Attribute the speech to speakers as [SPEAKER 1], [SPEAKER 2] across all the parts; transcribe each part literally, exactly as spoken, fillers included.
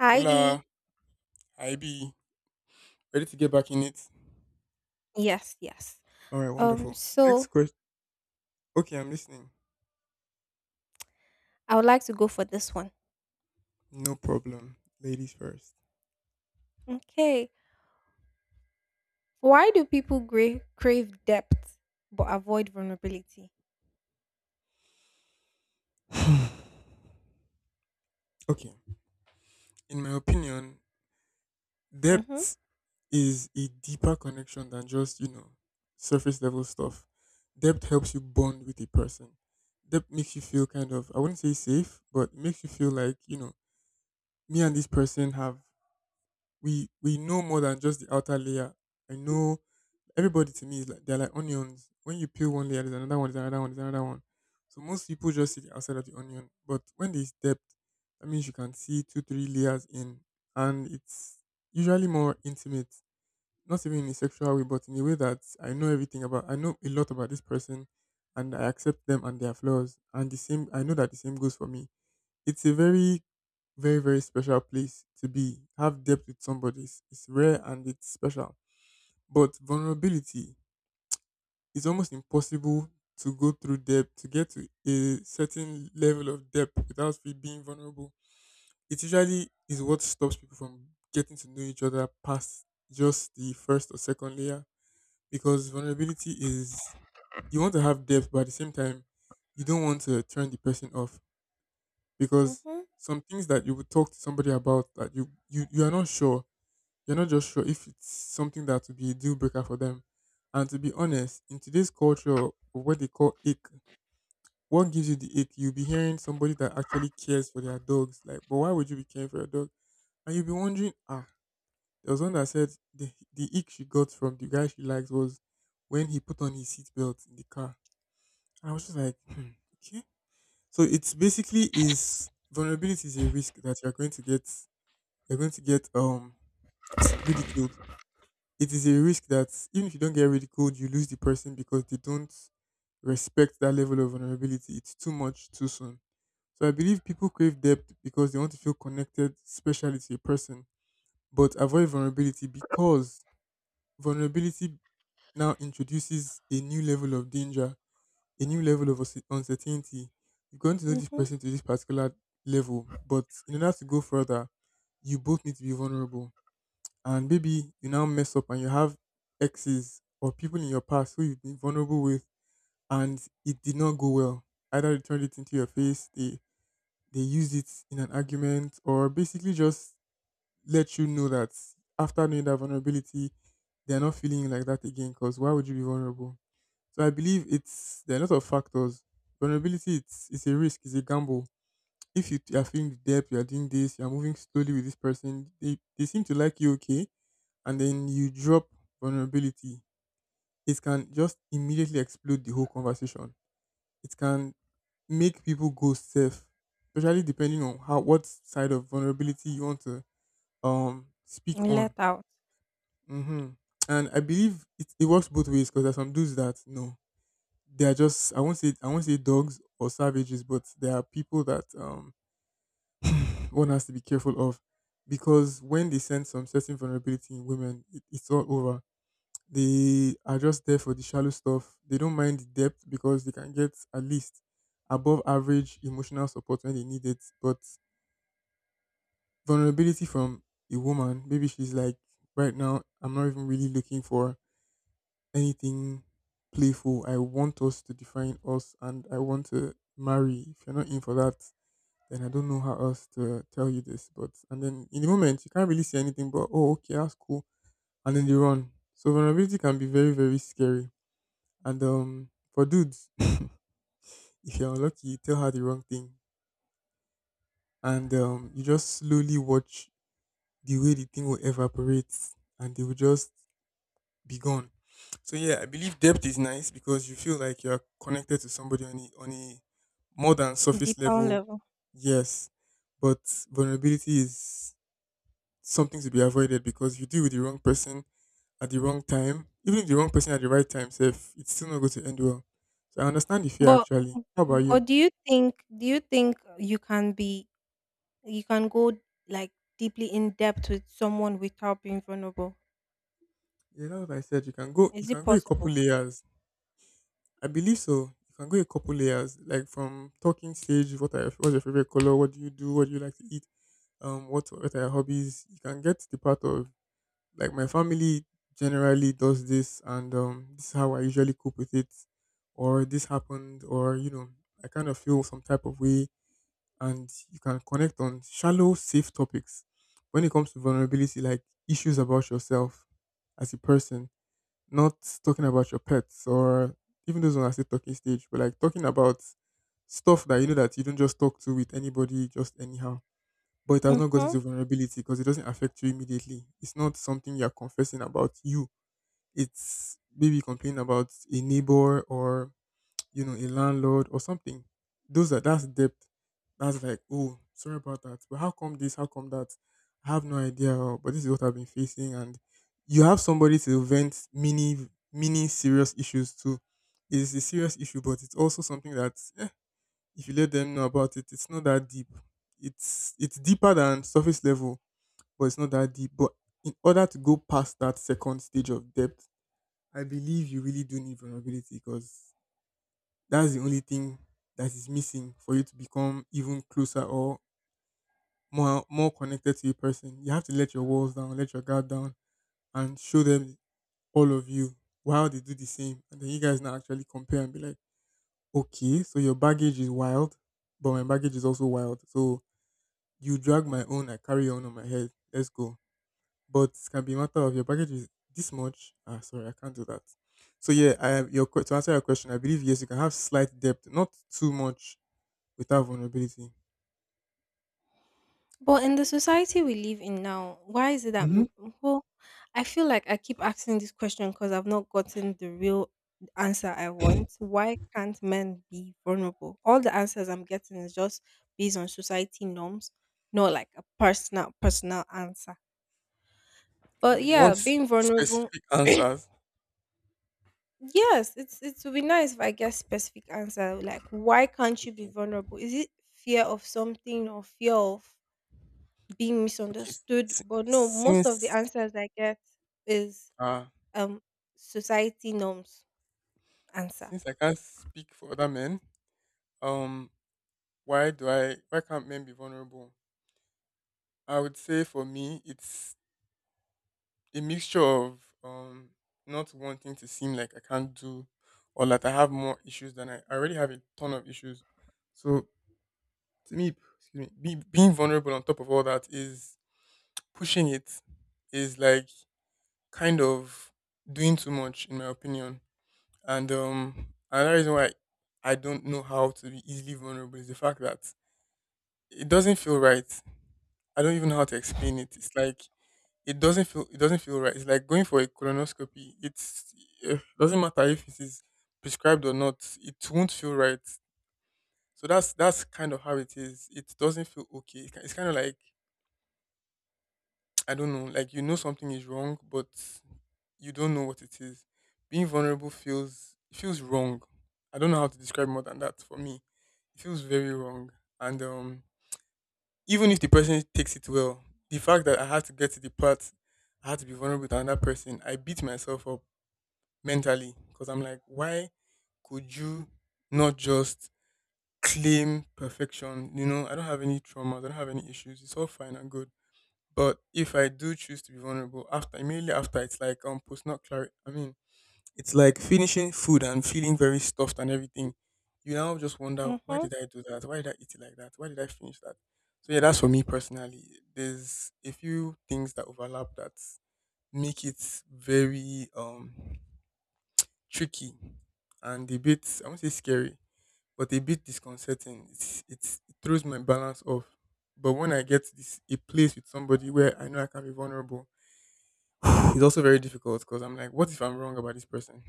[SPEAKER 1] Heidi.
[SPEAKER 2] Hola, I B. Ready to get back in it?
[SPEAKER 1] Yes, yes.
[SPEAKER 2] All right,
[SPEAKER 1] Um,
[SPEAKER 2] wonderful. Next
[SPEAKER 1] so
[SPEAKER 2] question. Okay, I'm listening.
[SPEAKER 1] I would like to go for this one.
[SPEAKER 2] No problem. Ladies first.
[SPEAKER 1] Okay. Why do people gra- crave depth but avoid vulnerability?
[SPEAKER 2] Okay. In my opinion,
[SPEAKER 1] Mm-hmm.
[SPEAKER 2] depth is a deeper connection than just, you know, surface level stuff. Depth helps you bond with a person. Depth makes you feel kind of, I wouldn't say safe, but it makes you feel like, you know, me and this person have, we, we know more than just the outer layer. I know. Everybody to me is like they're like onions. When you peel one layer, there's another one, there's another one, there's another one. So most people just see the outside of the onion. But when they step, that means you can see two, three layers in. And it's usually more intimate. Not even in a sexual way, but in a way that I know everything about I know a lot about this person, and I accept them and their flaws. And the same I know that the same goes for me. It's a very, very, very special place to be, have depth with somebody. It's, it's rare and it's special, but vulnerability, it's almost impossible to go through debt to get to a certain level of depth without fe- being vulnerable. It usually is what stops people from getting to know each other past just the first or second layer, because vulnerability is, you want to have depth, but at the same time, you don't want to turn the person off, because
[SPEAKER 1] Mm-hmm.
[SPEAKER 2] some things that you would talk to somebody about that you you, you are not sure, you're not just sure if it's something that will be a deal breaker for them. And to be honest, in today's culture of what they call ick, what gives you the ick? You'll be hearing somebody that actually cares for their dogs. Like, but why would you be caring for your dog? And you'll be wondering, ah, there was one that said the the ick she got from the guy she likes was when he put on his seatbelt in the car. And I was just like, hmm, okay. So it's basically is, vulnerability is a risk that you're going to get you're going to get um ridiculed. It is a risk that even if you don't get ridiculed, you lose the person because they don't respect that level of vulnerability. It's too much too soon. So I believe people crave depth because they want to feel connected, especially to a person, but avoid vulnerability because vulnerability now introduces a new level of danger, a new level of unse- uncertainty. You're going to know this
[SPEAKER 1] Mm-hmm.
[SPEAKER 2] person to this particular level, but in order to go further, you both need to be vulnerable, and maybe you now mess up and you have exes or people in your past who you've been vulnerable with, and it did not go well. Either they turned it into your face, they they used it in an argument, or basically just let you know that after knowing that vulnerability, they're not feeling you like that again. Because why would you be vulnerable? So I believe it's there are a lot of factors. Vulnerability, it's it's a risk, it's a gamble. If you are feeling the depth, you are doing this, you are moving slowly with this person, they, they seem to like you okay, and then you drop vulnerability, it can just immediately explode the whole conversation. It can make people go safe, especially depending on how what side of vulnerability you want to um speak
[SPEAKER 1] Let
[SPEAKER 2] on.
[SPEAKER 1] out.
[SPEAKER 2] Hmm. And I believe it, it works both ways, because there's some dudes that no, they are just, I won't say I won't say dogs or savages, but there are people that um one has to be careful of, because when they sense some certain vulnerability in women, it, it's all over. They are just there for the shallow stuff. They don't mind the depth because they can get at least above average emotional support when they need it. But vulnerability from a woman, maybe she's like, right now, I'm not even really looking for anything playful. I want us to define us and I want to marry. If you're not in for that, then I don't know how else to tell you this. But And then in the moment you can't really say anything but, oh, okay, that's cool. And then they run. So vulnerability can be very, very scary. And um, for dudes, if you're unlucky, you tell her the wrong thing, and um, you just slowly watch the way the thing will evaporate, and they will just be gone. So yeah, I believe depth is nice because you feel like you're connected to somebody on a, on a more than surface
[SPEAKER 1] Deeper
[SPEAKER 2] level.
[SPEAKER 1] level.
[SPEAKER 2] Yes, but vulnerability is something to be avoided, because if you deal with the wrong person at the wrong time, even if the wrong person at the right time, safe, it's still not going to end well. So I understand the fear
[SPEAKER 1] But
[SPEAKER 2] actually. How about you?
[SPEAKER 1] but do you think do you think you can be you can go like deeply in depth with someone without being vulnerable?
[SPEAKER 2] Yeah, that's what I said. You can go you
[SPEAKER 1] Is it
[SPEAKER 2] can go a couple
[SPEAKER 1] possible?
[SPEAKER 2] layers. I believe so. You can go a couple layers. Like from talking stage, what are your, what's your favorite color? What do you do? What do you like to eat? Um, what what are your hobbies? You can get to the part of like my family generally does this, and um this is how I usually cope with it, or this happened, or you know, I kind of feel some type of way, and you can connect on shallow, safe topics. When it comes to vulnerability, like issues about yourself as a person, not talking about your pets or even those on, I say talking stage, but like talking about stuff that you know that you don't just talk to with anybody just anyhow. But it has not gotten
[SPEAKER 1] Mm-hmm.
[SPEAKER 2] to vulnerability because it doesn't affect you immediately. It's not something you're confessing about you. It's maybe complaining about a neighbor or you know, a landlord or something. Those are That's depth. That's like, oh, sorry about that. But how come this? How come that? I have no idea. or- But this is what I've been facing, and you have somebody to vent mini, mini serious issues to. It's a serious issue, but it's also something that, eh, if you let them know about it, it's not that deep. It's it's deeper than surface level, but it's not that deep. But in order to go past that second stage of depth, I believe you really do need vulnerability, because that's the only thing that is missing for you to become even closer or more more connected to a person. You have to let your walls down, let your guard down, and show them all of you while they do the same. And then you guys now actually compare and be like, okay, so your baggage is wild, but my baggage is also wild. So you drag my own, I carry your own on my head. Let's go. But it can be a matter of, your baggage is this much. Ah, sorry, I can't do that. So yeah, I have your que- to answer your question, I believe yes, you can have slight depth, not too much, without vulnerability?
[SPEAKER 1] But in the society we live in now, why is it that
[SPEAKER 2] Mm-hmm.
[SPEAKER 1] m- well, I feel like I keep asking this question because I've not gotten the real answer I want. Why can't men be vulnerable? All the answers I'm getting is just based on society norms, not like a personal personal answer.
[SPEAKER 2] Oh,
[SPEAKER 1] But
[SPEAKER 2] you want
[SPEAKER 1] yeah, being vulnerable,
[SPEAKER 2] specific answers?
[SPEAKER 1] yes, it's it would be nice if I get specific answer like why can't you be
[SPEAKER 2] Okay.
[SPEAKER 1] vulnerable? Is it fear of something or fear of being
[SPEAKER 2] Okay.
[SPEAKER 1] misunderstood.
[SPEAKER 2] S-
[SPEAKER 1] But no, most of the
[SPEAKER 2] since
[SPEAKER 1] answers I get is
[SPEAKER 2] uh
[SPEAKER 1] um society norms answer.
[SPEAKER 2] since I can't speak for other men, um, why do I why can't men be vulnerable? I would say for me it's a mixture of um not wanting to seem like I can't do, or that I have more issues than, I, I already have a ton of issues. So to me, excuse me, be, being vulnerable on top of all that is pushing it, is like kind of doing too much in my opinion. And um another reason why I don't know how to be easily vulnerable is the fact that it doesn't feel right. I don't even know how to explain it. It's like it doesn't feel it doesn't feel right. It's like going for a colonoscopy. It's it doesn't matter if it is prescribed or not. It won't feel right. So that's that's kind of how it is. It doesn't feel okay. It's ki- it's kind of like I don't know, like you know something is wrong, but you don't know what it is. Being vulnerable feels it feels wrong. I don't know how to describe more than that for me. It feels very wrong. And um, even if the person takes it well, the fact that I had to get to the part I had to be vulnerable to another person, I beat myself up mentally because I'm like, why could you not just claim perfection? You know, I don't have any traumas, I don't have any issues. It's all fine and good. But if I do choose to be vulnerable after immediately after, it's like um post not clarity. I mean, It's like finishing food and feeling very stuffed and everything. You now just wonder, why
[SPEAKER 1] Mm-hmm.
[SPEAKER 2] did I do that? Why did I eat it like that? Why did I finish that? So yeah, that's for me personally. There's a few things that overlap that make it very um tricky and a bit, I won't say scary, but a bit disconcerting. It's, it's it throws my balance off. But when I get this a place with somebody where I know I can be vulnerable, it's also very difficult because I'm like, what if I'm wrong about this person?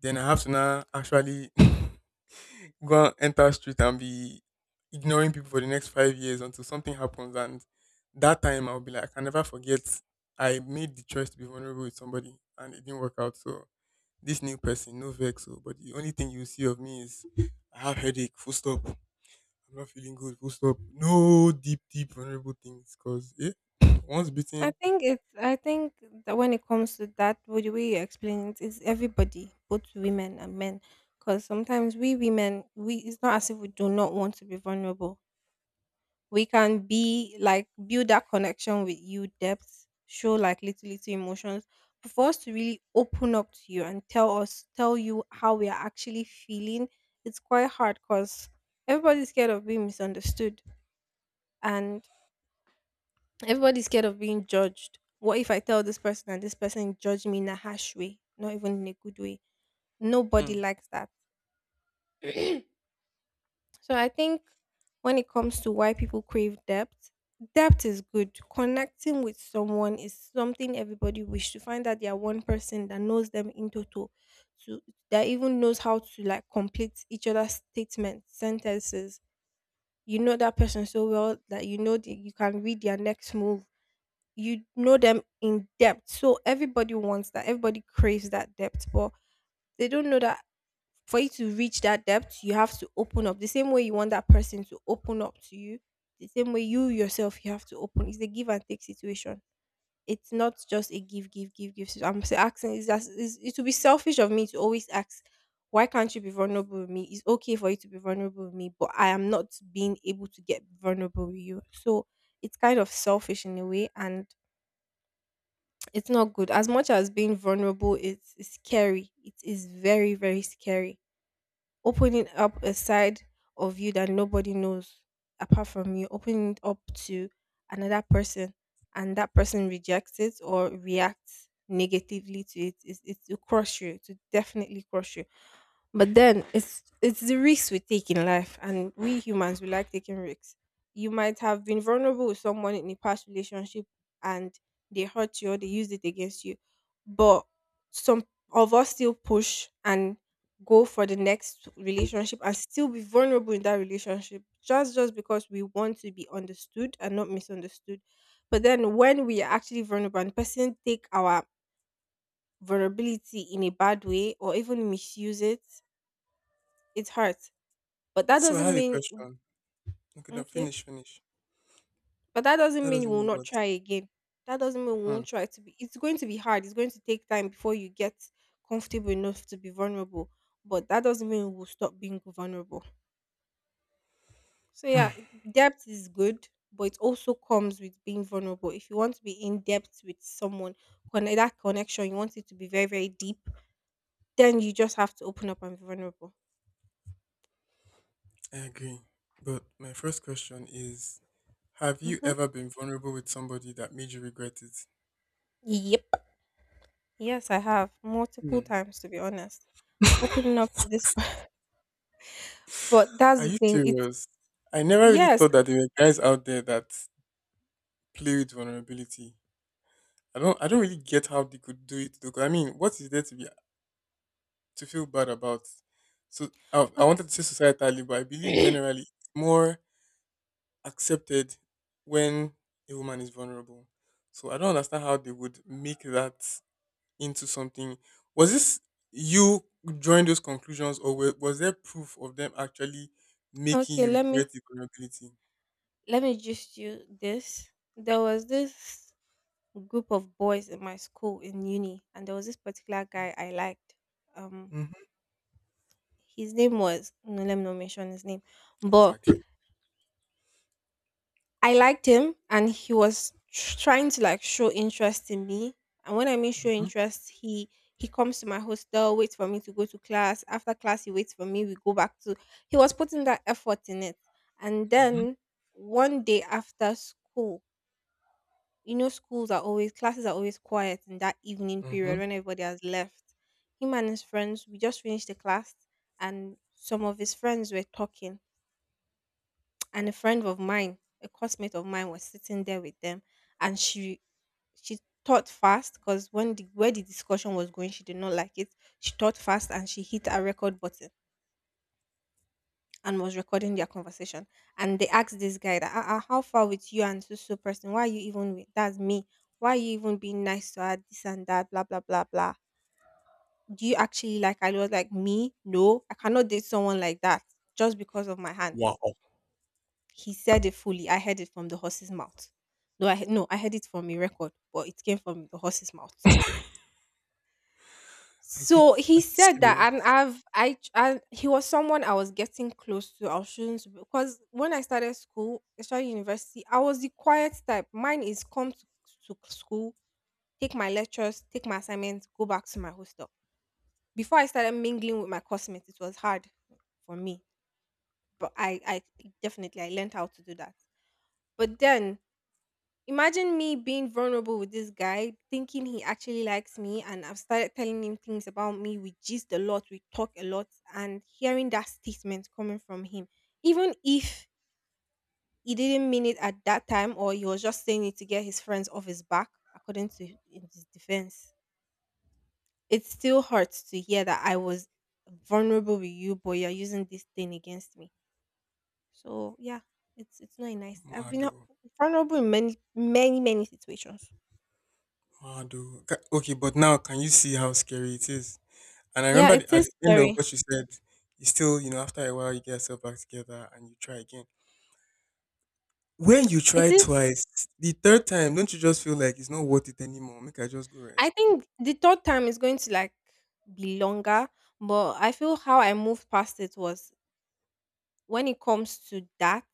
[SPEAKER 2] Then I have to now actually go and enter street and be ignoring people for the next five years until something happens. And that time I'll be like, I can never forget I made the choice to be vulnerable with somebody and it didn't work out. So this new person, no vex. So, but the only thing you see of me is I have headache, full stop. I'm not feeling good, full stop. No deep, deep vulnerable things. Cause eh, once
[SPEAKER 1] I
[SPEAKER 2] bitten.
[SPEAKER 1] think it's I think that when it comes to that, with the way you explain it, is everybody, both women and men. Because sometimes we women, we it's not as if we do not want to be vulnerable, we can be like build that connection with you depth show like little little emotions, but for us to really open up to you and tell us tell you how we are actually feeling, it's quite hard because everybody's scared of being misunderstood, and everybody's scared of being judged. What if I tell this person and this person judge me in a harsh way, not even in a good way? Nobody
[SPEAKER 2] Hmm.
[SPEAKER 1] likes that. So I think when it comes to why people crave depth, depth is good. Connecting with someone is something everybody wish to find, that they are one person that knows them in total, to that even knows how to like complete each other's statements, sentences. You know that person so well that you know that you can read their next move. You know them in depth. So everybody wants that. Everybody craves that depth, but they don't know that for you to reach that depth, you have to open up the same way you want that person to open up to you. The same way, you yourself, you have to open. It's a give and take situation. It's not just a give, give, give, give. situ- I'm s- asking. Is that is it would be selfish of me to always ask, why can't you be vulnerable with me? It's okay for you to be vulnerable with me, but I am not being able to get vulnerable with you. So it's kind of selfish in a way, and it's not good. As much as being vulnerable is, is scary, it is very, very scary opening up a side of you that nobody knows apart from you, opening it up to another person, and that person rejects it or reacts negatively to it, it, it will crush you, to definitely crush you. But then it's it's the risks we take in life, and we humans we like taking risks. You might have been vulnerable with someone in a past relationship, and they hurt you or they used it against you. But some of us still push and go for the next relationship and still be vulnerable in that relationship just just because we want to be understood and not misunderstood. But then when we are actually vulnerable and person take our vulnerability in a bad way or even misuse it, it hurts, but that
[SPEAKER 2] So I
[SPEAKER 1] doesn't
[SPEAKER 2] have a
[SPEAKER 1] mean
[SPEAKER 2] question. Okay, no,
[SPEAKER 1] okay.
[SPEAKER 2] finish, finish.
[SPEAKER 1] But that doesn't
[SPEAKER 2] That
[SPEAKER 1] mean we
[SPEAKER 2] doesn't
[SPEAKER 1] will
[SPEAKER 2] mean
[SPEAKER 1] not
[SPEAKER 2] what.
[SPEAKER 1] try again. That doesn't mean we
[SPEAKER 2] Hmm.
[SPEAKER 1] won't try to be. It's going to be hard. It's going to take time before you get comfortable enough to be vulnerable. But that doesn't mean we'll stop being vulnerable. So yeah, depth is good, but it also comes with being vulnerable. If you want to be in depth with someone, connect that connection, you want it to be very, very deep, then you just have to open up and be vulnerable.
[SPEAKER 2] I agree. But my first question is, have you
[SPEAKER 1] Hmm.
[SPEAKER 2] ever been vulnerable with somebody that made you regret it?
[SPEAKER 1] Yep. Yes, I have multiple
[SPEAKER 2] Hmm.
[SPEAKER 1] times, to be honest. Opening up to this. But that's
[SPEAKER 2] Are
[SPEAKER 1] the
[SPEAKER 2] you
[SPEAKER 1] thing. It's
[SPEAKER 2] serious? I never really
[SPEAKER 1] yes.
[SPEAKER 2] thought that there were guys out there that play with vulnerability. I don't I don't really get how they could do it though. 'Cause I mean, what is there to be, to feel bad about? So I, I
[SPEAKER 1] Okay.
[SPEAKER 2] wanted to say societally, but I believe generally it's more accepted when a woman is vulnerable. So I don't understand how they would make that into something. Was this you drawing those conclusions, or were, was there proof of them actually making
[SPEAKER 1] Okay,
[SPEAKER 2] you
[SPEAKER 1] let
[SPEAKER 2] regret
[SPEAKER 1] me
[SPEAKER 2] the vulnerability?
[SPEAKER 1] let me just you this. There was this group of boys in my school in uni and there was this particular guy I liked. Um
[SPEAKER 2] Mm-hmm.
[SPEAKER 1] his name was, no, let me not mention his name. But
[SPEAKER 2] Exactly.
[SPEAKER 1] I liked him and he was tr- trying to like show interest in me. And when I mean show
[SPEAKER 2] Mm-hmm.
[SPEAKER 1] interest, he he comes to my hostel, waits for me to go to class. After class, he waits for me. We go back to. He was putting that effort in it. And
[SPEAKER 2] Mm-hmm.
[SPEAKER 1] then one day after school, you know, schools are always classes are always quiet in that evening
[SPEAKER 2] Mm-hmm.
[SPEAKER 1] period when everybody has left. Him and his friends, we just finished the class, and some of his friends were talking, and a friend of mine, a classmate of mine, was sitting there with them, and she she thought fast because when the where the discussion was going, she did not like it. She thought fast and she hit a record button and was recording their conversation. And they asked this guy that, ah, ah, how far with you and so so person? Why are you even with that's me? Why are you even being nice to her? This and that, blah blah blah blah. Do you actually like? I was like, me, no, I cannot date someone like that just because of my hand.
[SPEAKER 2] Wow.
[SPEAKER 1] He said it fully. I heard it from the horse's mouth. No, I no, I heard it from a record, but it came from the horse's mouth.
[SPEAKER 2] Are you
[SPEAKER 1] So he
[SPEAKER 2] are you
[SPEAKER 1] said that,
[SPEAKER 2] serious?
[SPEAKER 1] and I've I, I he was someone I was getting close to. I shouldn't because when I started school, especially university, I was the quiet type. Mine is come to, to school, take my lectures, take my assignments, go back to my hostel. Before I started mingling with my classmates, it was hard for me, but I I definitely I learned how to do that. But then imagine me being vulnerable with this guy, thinking he actually likes me, and I've started telling him things about me. We gist a lot, we talk a lot, and hearing that statement coming from him, even if he didn't mean it at that time or he was just saying it to get his friends off his back, according to in his defense, it still hurts to hear that I was vulnerable with you, but you're using this thing against me. So yeah, it's it's not a nice. I've been uh,
[SPEAKER 2] Mado,
[SPEAKER 1] vulnerable in many many many situations.
[SPEAKER 2] Mado. Ca- Okay, but now can you see how scary it is? And I
[SPEAKER 1] Yeah,
[SPEAKER 2] remember
[SPEAKER 1] it
[SPEAKER 2] the- at
[SPEAKER 1] is
[SPEAKER 2] the end of
[SPEAKER 1] scary.
[SPEAKER 2] what you said, you still, you know, after a while, you get yourself back together and you try again. When you try
[SPEAKER 1] It is.
[SPEAKER 2] twice, the third time, don't you just feel like it's not worth it anymore? Make I just go
[SPEAKER 1] I
[SPEAKER 2] rest.
[SPEAKER 1] think the third time is going to like be longer, but I feel how I moved past it was when it comes to that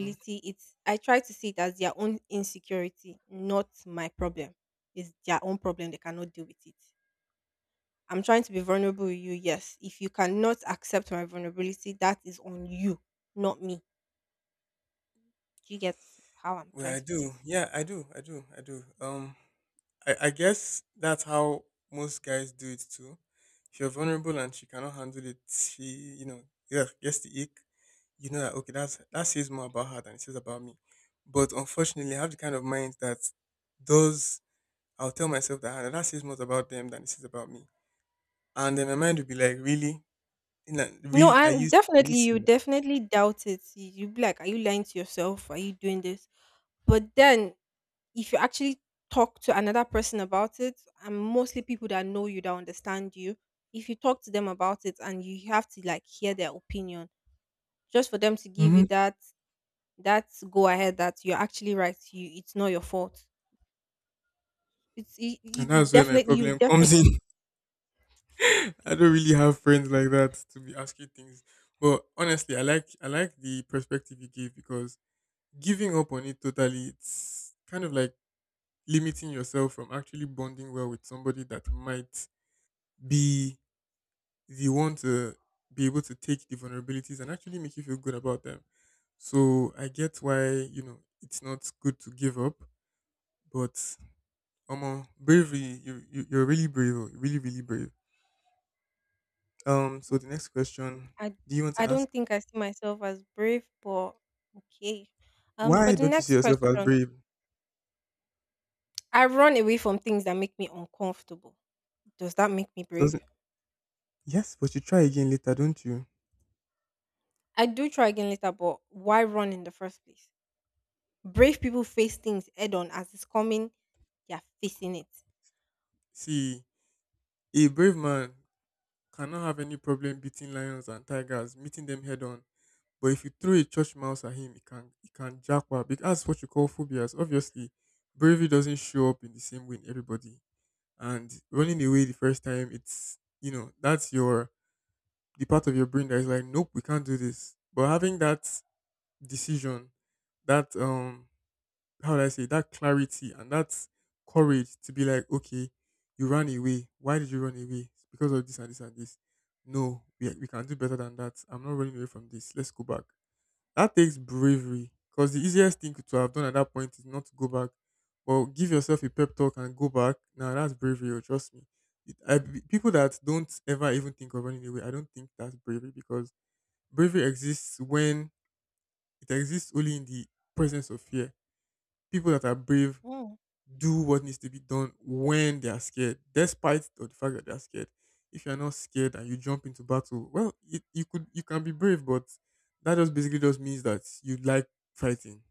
[SPEAKER 2] Mm-hmm.
[SPEAKER 1] it's I try to see it as their own insecurity, not my problem. It's their own problem. They cannot deal with it. I'm trying to be vulnerable with you, yes. If you cannot accept my vulnerability, that is on you, not me. Do you get how I'm
[SPEAKER 2] Well,
[SPEAKER 1] trying
[SPEAKER 2] I
[SPEAKER 1] to put it?
[SPEAKER 2] do. Yeah, I do. I do. I do. Um, I, I guess that's how most guys do it too. If you're vulnerable and she cannot handle it, she, you know, yeah, gets the ick. You know that okay, that's, that says more about her than it says about me. But unfortunately, I have the kind of mind that does. I'll tell myself that, "Ah, that says more about them than it says about me," and then my mind will be like, really, you know,
[SPEAKER 1] No,
[SPEAKER 2] really, are
[SPEAKER 1] I'm
[SPEAKER 2] you are you
[SPEAKER 1] definitely you
[SPEAKER 2] serious?
[SPEAKER 1] definitely doubt it. You you be like, are you lying to yourself? Are you doing this? But then if you actually talk to another person about it, and mostly people that know you, that understand you, if you talk to them about it and you have to like hear their opinion, just for them to give you
[SPEAKER 2] Hmm.
[SPEAKER 1] that that go ahead that you're actually right, you it's not your fault. It's it,
[SPEAKER 2] And
[SPEAKER 1] it- you
[SPEAKER 2] that's where my
[SPEAKER 1] definitely you
[SPEAKER 2] problem comes
[SPEAKER 1] definitely.
[SPEAKER 2] in. I don't really have friends like that to be asking things. But honestly, I like I like the perspective you gave because giving up on it totally, it's kind of like limiting yourself from actually bonding well with somebody that might be the one to be able to take the vulnerabilities and actually make you feel good about them. So I get why, you know, it's not good to give up, but Omo, bravery, you, you you're really brave, oh, really, really brave. Um, so the next question,
[SPEAKER 1] I
[SPEAKER 2] do you want to
[SPEAKER 1] I
[SPEAKER 2] ask?
[SPEAKER 1] don't think I see myself as brave, but okay. Um, for
[SPEAKER 2] Why
[SPEAKER 1] the
[SPEAKER 2] don't you see
[SPEAKER 1] next
[SPEAKER 2] yourself as
[SPEAKER 1] question,
[SPEAKER 2] brave?
[SPEAKER 1] I run away from things that make me uncomfortable. Does that make me brave?
[SPEAKER 2] Doesn't, yes, but you try again later, don't you?
[SPEAKER 1] I do try again later, but why run in the first place? Brave people face things head on as it's coming, they're facing it.
[SPEAKER 2] See, a brave man cannot have any problem beating lions and tigers, meeting them head on. But if you throw a church mouse at him, he can he can jackpot because that's what you call phobias. Obviously, bravery doesn't show up in the same way in everybody. And running away the first time, it's, you know, that's your, the part of your brain that is like, nope, we can't do this. But having that decision, that um how do I say, that clarity and that courage to be like, okay, you ran away. Why did you run away? It's because of this and this and this. No, we we can do better than that. I'm not running away from this. Let's go back. That takes bravery because the easiest thing to have done at that point is not to go back. Well, give yourself a pep talk and go back. Now that's bravery. Or trust me. It, I, people that don't ever even think of running away, I don't think that's bravery because bravery exists when it exists only in the presence of fear. People that are brave
[SPEAKER 1] Mm,
[SPEAKER 2] do what needs to be done when they are scared, despite of the fact that they are scared. If you are not scared and you jump into battle, well, it, you could you can be brave, but that just basically just means that you like fighting.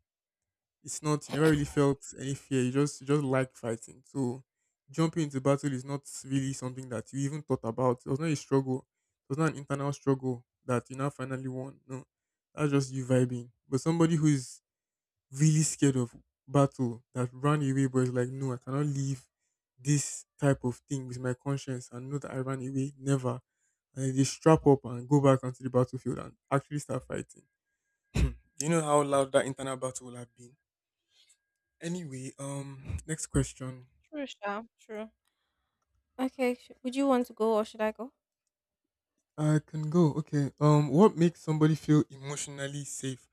[SPEAKER 2] It's not, you never really felt any fear. You just you just like fighting. So jumping into battle is not really something that you even thought about. It was not a struggle. It was not an internal struggle that you now finally won. No, that's just you vibing. But somebody who's really scared of battle that ran away but is like, no, I cannot leave this type of thing with my conscience and know that I ran away. Never. And then they strap up and go back onto the battlefield and actually start fighting. Hmm. Do you know how loud that internal battle will have been? Anyway, um, next question.
[SPEAKER 1] true, Sha. True. Okay. sh- Would you want to go or should I go?
[SPEAKER 2] I can go. Okay. Um, what makes somebody feel emotionally safe?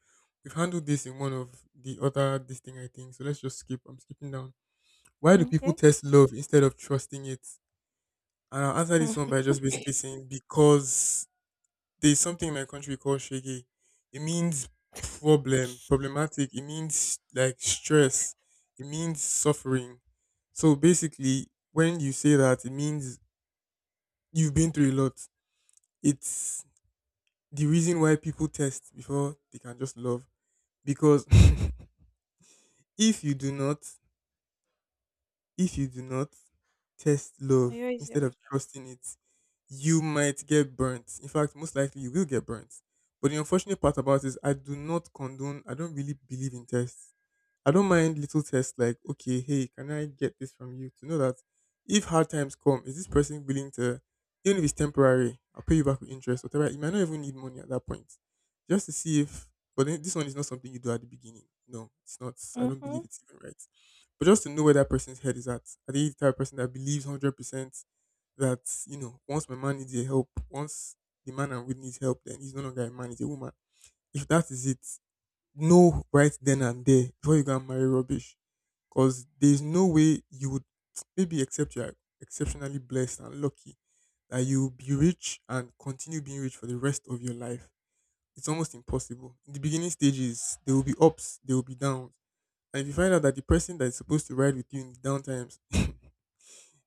[SPEAKER 2] We've handled this in one of the other this thing I think. So let's just skip. I'm skipping down. Why do people
[SPEAKER 1] Okay.
[SPEAKER 2] test love instead of trusting it? And I'll answer this one by just basically saying because there's something in my country called shege. It means problem, problematic. It means like stress. It means suffering. So basically, when you say that, it means you've been through a lot. It's the reason why people test before they can just love. Because if you do not, if you do not test love
[SPEAKER 1] Here is
[SPEAKER 2] instead
[SPEAKER 1] your
[SPEAKER 2] of
[SPEAKER 1] kiss.
[SPEAKER 2] trusting it, you might get burnt. In fact, most likely you will get burnt. But the unfortunate part about it is I do not condone, I don't really believe in tests. I don't mind little tests like, okay, hey, can I get this from you? To know that if hard times come, is this person willing to, even if it's temporary, I'll pay you back with interest, whatever. You might not even need money at that point, just to see if. But then this one is not something you do at the beginning. No, it's not. I don't believe
[SPEAKER 1] Mm-hmm.
[SPEAKER 2] it's even right. But just to know where that person's head is at. Are they the type of person that believes hundred percent that, you know, once my man needs your help, once the man I'm with needs help, then he's no longer a man, he's a woman. If that is it, know right then and there before you go and marry rubbish. Because there's no way you would, maybe except you're exceptionally blessed and lucky, that you'll be rich and continue being rich for the rest of your life. It's almost impossible. In the beginning stages, there will be ups, there will be downs. And if you find out that the person that is supposed to ride with you in the down times,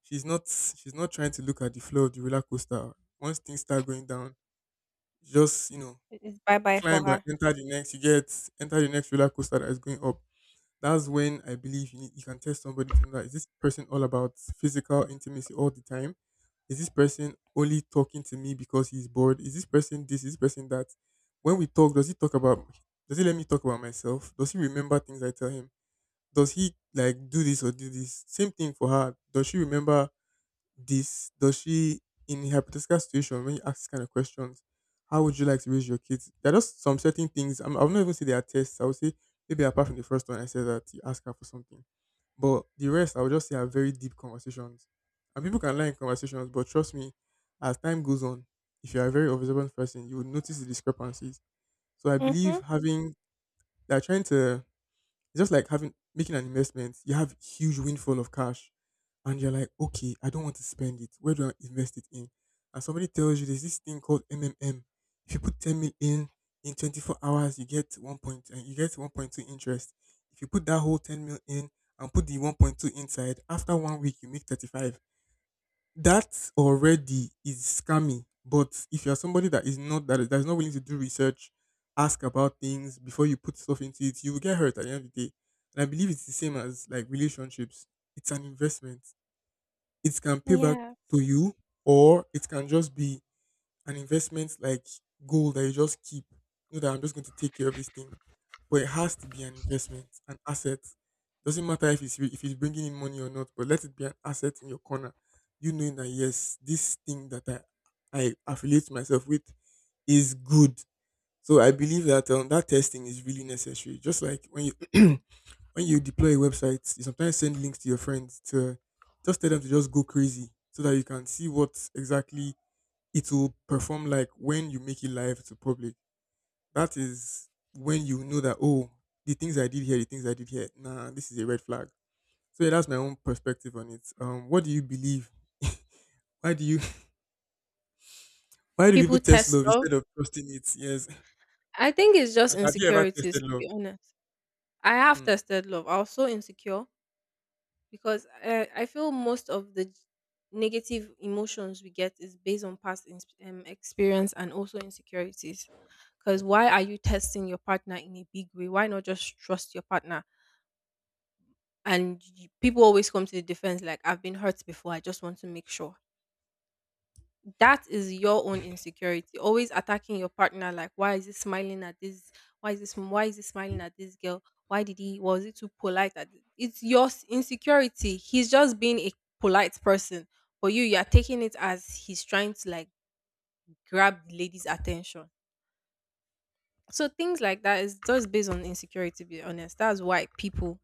[SPEAKER 2] she's not she's not trying to look at the floor of the roller coaster. Once things start going down, just, you know,
[SPEAKER 1] It's bye bye
[SPEAKER 2] climb
[SPEAKER 1] for
[SPEAKER 2] and
[SPEAKER 1] her.
[SPEAKER 2] enter the next, you get, enter the next roller coaster that is going up, that's when I believe you, need, you can test somebody to know, that is this person all about physical intimacy all the time? Is this person only talking to me because he's bored? Is this person this? Is this person that? When we talk, does he talk about? Does he let me talk about myself? Does he remember things I tell him? Does he like do this or do this? Same thing for her. Does she remember this? Does she, in a hypothetical situation when you ask this kind of questions, how would you like to raise your kids? There are just some certain things, I'm, I'll not even say they are tests, I would say, maybe apart from the first one I said that you ask her for something, but the rest I would just say are very deep conversations. And people can lie in conversations, but trust me, as time goes on, if you are a very observant person, you will notice the discrepancies. So I
[SPEAKER 1] Mm-hmm.
[SPEAKER 2] believe having, they're trying to it's just like having, making an investment. You have huge windfall of cash, and you're like, okay, I don't want to spend it. Where do I invest it in? And somebody tells you there's this thing called M M M. If you put ten mil in in twenty-four hours, you get one point and you get one point two interest. If you put that whole ten mil in and put the one point two inside, after one week you make thirty-five. That already is scammy. But if you're somebody that is not that, that is not willing to do research, ask about things before you put stuff into it, you will get hurt at the end of the day. And I believe it's the same as like relationships. It's an investment. It can pay back
[SPEAKER 1] Yeah.
[SPEAKER 2] to you, or it can just be an investment like gold that you just keep. You know that I'm just going to take care of this thing, but it has to be an investment, an asset. Doesn't matter if it's re- if it's bringing in money or not, but let it be an asset in your corner. You knowing that yes, this thing that I I affiliate myself with is good. So I believe that um, that testing is really necessary. Just like when you when you deploy a website, you sometimes send links to your friends to just tell them to just go crazy so that you can see what exactly it will perform like when you make it live to public. That is when you know that oh, the things I did here, the things I did here, nah, this is a red flag. So yeah, that's my own perspective on it. Um, what do you believe? Why do you Why do people
[SPEAKER 1] People
[SPEAKER 2] test
[SPEAKER 1] test
[SPEAKER 2] love
[SPEAKER 1] love.
[SPEAKER 2] instead of trusting it? Yes.
[SPEAKER 1] I think it's just
[SPEAKER 2] And have you ever
[SPEAKER 1] insecurities,
[SPEAKER 2] tested
[SPEAKER 1] to
[SPEAKER 2] love?
[SPEAKER 1] be honest. I have
[SPEAKER 2] Hmm,
[SPEAKER 1] tested love. I was so insecure. Because I, I feel most of the negative emotions we get is based on past ins- um, experience and also insecurities. Because why are
[SPEAKER 2] definitely.
[SPEAKER 1] you testing your partner in a big way? Why not just trust your partner? And y- people always come to the defense like, I've been hurt before. I just want to make sure that is your own insecurity always attacking your partner like, why is he smiling at this, why is this why is he smiling at this girl, why did he was he too polite at th- it's your s- insecurity. He's just being a polite person, but you you're taking it as he's trying to like grab the lady's attention. So things like that is just based on insecurity, to be honest. That's why people,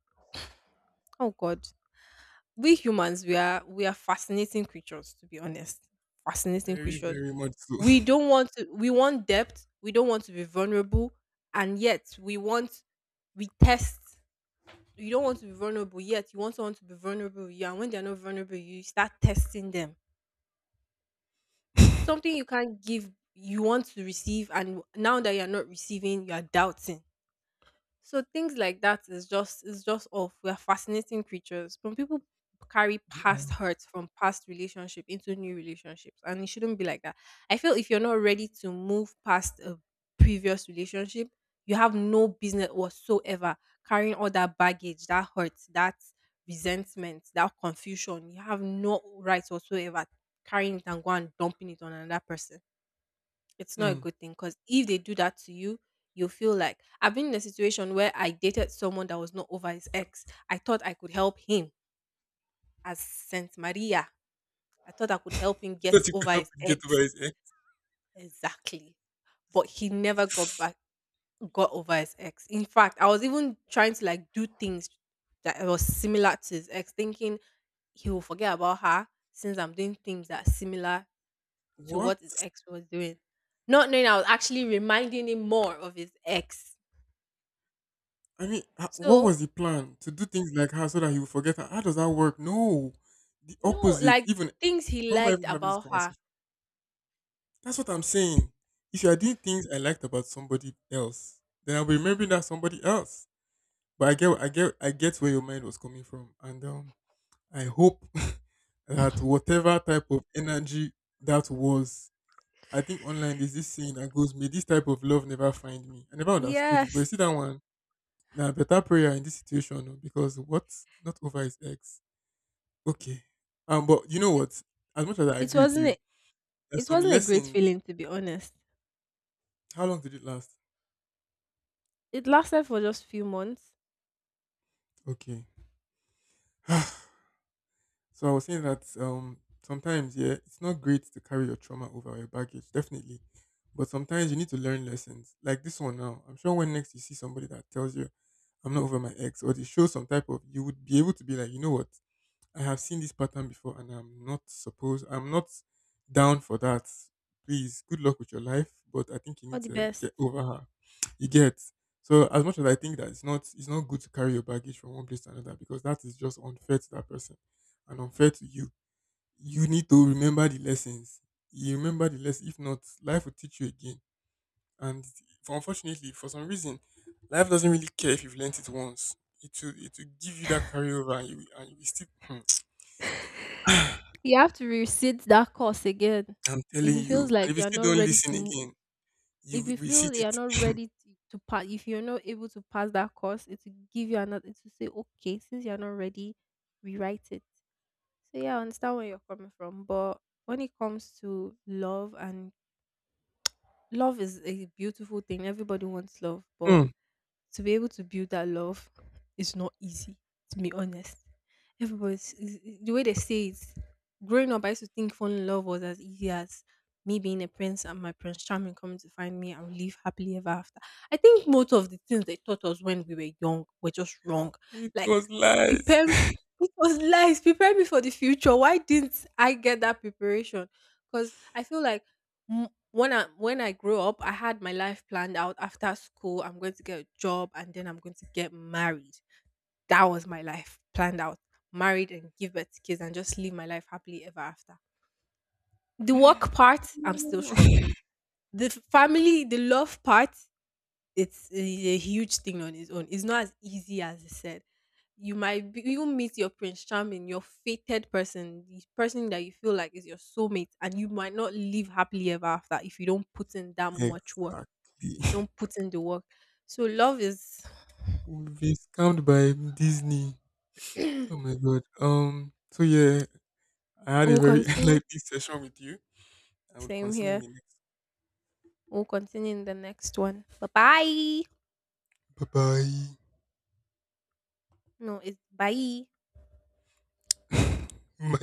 [SPEAKER 1] oh god, we humans, we are we are fascinating creatures, to be honest. Fascinating
[SPEAKER 2] Very,
[SPEAKER 1] creatures.
[SPEAKER 2] very much so.
[SPEAKER 1] We don't want to we want depth, we don't want to be vulnerable, and yet we want, we test. You don't want to be vulnerable yet. You want someone to be vulnerable with you, and when they're not vulnerable, you start testing them. Something you can't give, you want to receive, and now that you're not receiving, you're doubting. So things like that is just is just off. We are fascinating creatures. When people carry
[SPEAKER 2] Yeah.
[SPEAKER 1] past hurts from past relationship into new relationships, and it shouldn't be like that. I feel if you're not ready to move past a previous relationship, you have no business whatsoever carrying all that baggage, that hurt, that resentment, that confusion. You have no right whatsoever carrying it and go and dumping it on another person. It's not a
[SPEAKER 2] Hmm.
[SPEAKER 1] good thing, because if they do that to you, you feel like. I've been in a situation where I dated someone that was not over his ex. I thought I could help him, as Saint Maria. I thought I could help him get
[SPEAKER 2] Thought you could
[SPEAKER 1] over
[SPEAKER 2] help
[SPEAKER 1] his
[SPEAKER 2] him get over
[SPEAKER 1] ex.
[SPEAKER 2] his head.
[SPEAKER 1] Exactly. But he never got back, got over his ex. In fact, I was even trying to like do things that was similar to his ex, thinking he will forget about her, since I'm doing things that are similar to
[SPEAKER 2] What?
[SPEAKER 1] what his ex was doing, not knowing I was actually reminding him more of his ex.
[SPEAKER 2] I mean, h- what
[SPEAKER 1] So
[SPEAKER 2] was the plan to do things like her so that he would forget her? How does that work? No, the
[SPEAKER 1] no,
[SPEAKER 2] opposite.
[SPEAKER 1] like,
[SPEAKER 2] Even
[SPEAKER 1] things he
[SPEAKER 2] why am I
[SPEAKER 1] liked
[SPEAKER 2] even having this
[SPEAKER 1] about her.
[SPEAKER 2] conversation? That's what I'm saying. If you are doing things I liked about somebody else, then I'll be remembering that somebody else. But I get, I get, I get where your mind was coming from, and um, I hope that whatever type of energy that was, I think online there's this saying that goes, "May this type of love never find me." I never understood it, but you
[SPEAKER 1] Yes.
[SPEAKER 2] see that one. Now, better prayer in this situation oh, because what's not over is X. Okay, um, but you know
[SPEAKER 1] It,
[SPEAKER 2] what? As much as I
[SPEAKER 1] it
[SPEAKER 2] agree with
[SPEAKER 1] wasn't
[SPEAKER 2] you,
[SPEAKER 1] a,
[SPEAKER 2] there's
[SPEAKER 1] it
[SPEAKER 2] some
[SPEAKER 1] wasn't a great
[SPEAKER 2] lessons.
[SPEAKER 1] feeling, to be honest.
[SPEAKER 2] How long did it last?
[SPEAKER 1] It lasted for just few months.
[SPEAKER 2] Okay. So I was saying that um sometimes yeah, it's not great to carry your trauma over or your baggage, definitely. But sometimes you need to learn lessons. Like this one now. I'm sure when next you see somebody that tells you I'm not over my ex or they show some type of, you would be able to be like, you know what, I have seen this pattern before and I'm not supposed I'm not down for that. Please, good luck with your life. But I think you need
[SPEAKER 1] All the
[SPEAKER 2] to
[SPEAKER 1] best.
[SPEAKER 2] get over her you get. So as much as I think that it's not it's not good to carry your baggage from one place to another because that is just unfair to that person and unfair to you. You need to remember the lessons. You remember the lesson. If not, life will teach you again. And for, unfortunately, for some reason, life doesn't really care if you've learnt it once. It will it will give you that carryover and you will- and you will still.
[SPEAKER 1] You have to resit that course again.
[SPEAKER 2] I'm
[SPEAKER 1] If
[SPEAKER 2] telling
[SPEAKER 1] it feels
[SPEAKER 2] you. And
[SPEAKER 1] like
[SPEAKER 2] if you
[SPEAKER 1] you're
[SPEAKER 2] still
[SPEAKER 1] not
[SPEAKER 2] don't
[SPEAKER 1] ready
[SPEAKER 2] listen
[SPEAKER 1] to mo-
[SPEAKER 2] again, you
[SPEAKER 1] If
[SPEAKER 2] will
[SPEAKER 1] you
[SPEAKER 2] repeat
[SPEAKER 1] feel you're not
[SPEAKER 2] it.
[SPEAKER 1] ready to, to pass, if you're not able to pass that course, it will give you another, it will say, okay, since you're not ready, rewrite it. So yeah, I understand where you're coming from. But when it comes to love, and love is a beautiful thing. Everybody wants love, but
[SPEAKER 2] Hmm.
[SPEAKER 1] to be able to build that love is not easy, to be honest. Everybody's is- is- the way they say it. Growing up, I used to think falling in love was as easy as me being a prince and my prince charming coming to find me and we live happily ever after. I think most of the things they taught us when we were young were just wrong.
[SPEAKER 2] It
[SPEAKER 1] Like,
[SPEAKER 2] was lies.
[SPEAKER 1] prepare, it was lies, prepare me for the future. Why didn't I get that preparation? Because I feel like when I when I grew up, I had my life planned out. After school, I'm going to get a job and then I'm going to get married. That was my life planned out. Married and give birth to kids and just live my life happily ever after. The work part, I'm still struggling. The f- family, the love part, it's a, a huge thing on its own. It's not as easy as I said. You might be, you meet your prince charming, your fated person, the person that you feel like is your soulmate, and you might not live happily ever after if you don't put in that much work,
[SPEAKER 2] Exactly.
[SPEAKER 1] don't put in the work. So love is
[SPEAKER 2] We've been scammed by Disney. Oh my god. Um. So yeah, I had a
[SPEAKER 1] we'll
[SPEAKER 2] very
[SPEAKER 1] continue.
[SPEAKER 2] enlightening session with you. I would
[SPEAKER 1] Same
[SPEAKER 2] continue in
[SPEAKER 1] here.
[SPEAKER 2] the next.
[SPEAKER 1] We'll continue in the next one. Bye bye.
[SPEAKER 2] Bye
[SPEAKER 1] No, it's bye.
[SPEAKER 2] bye.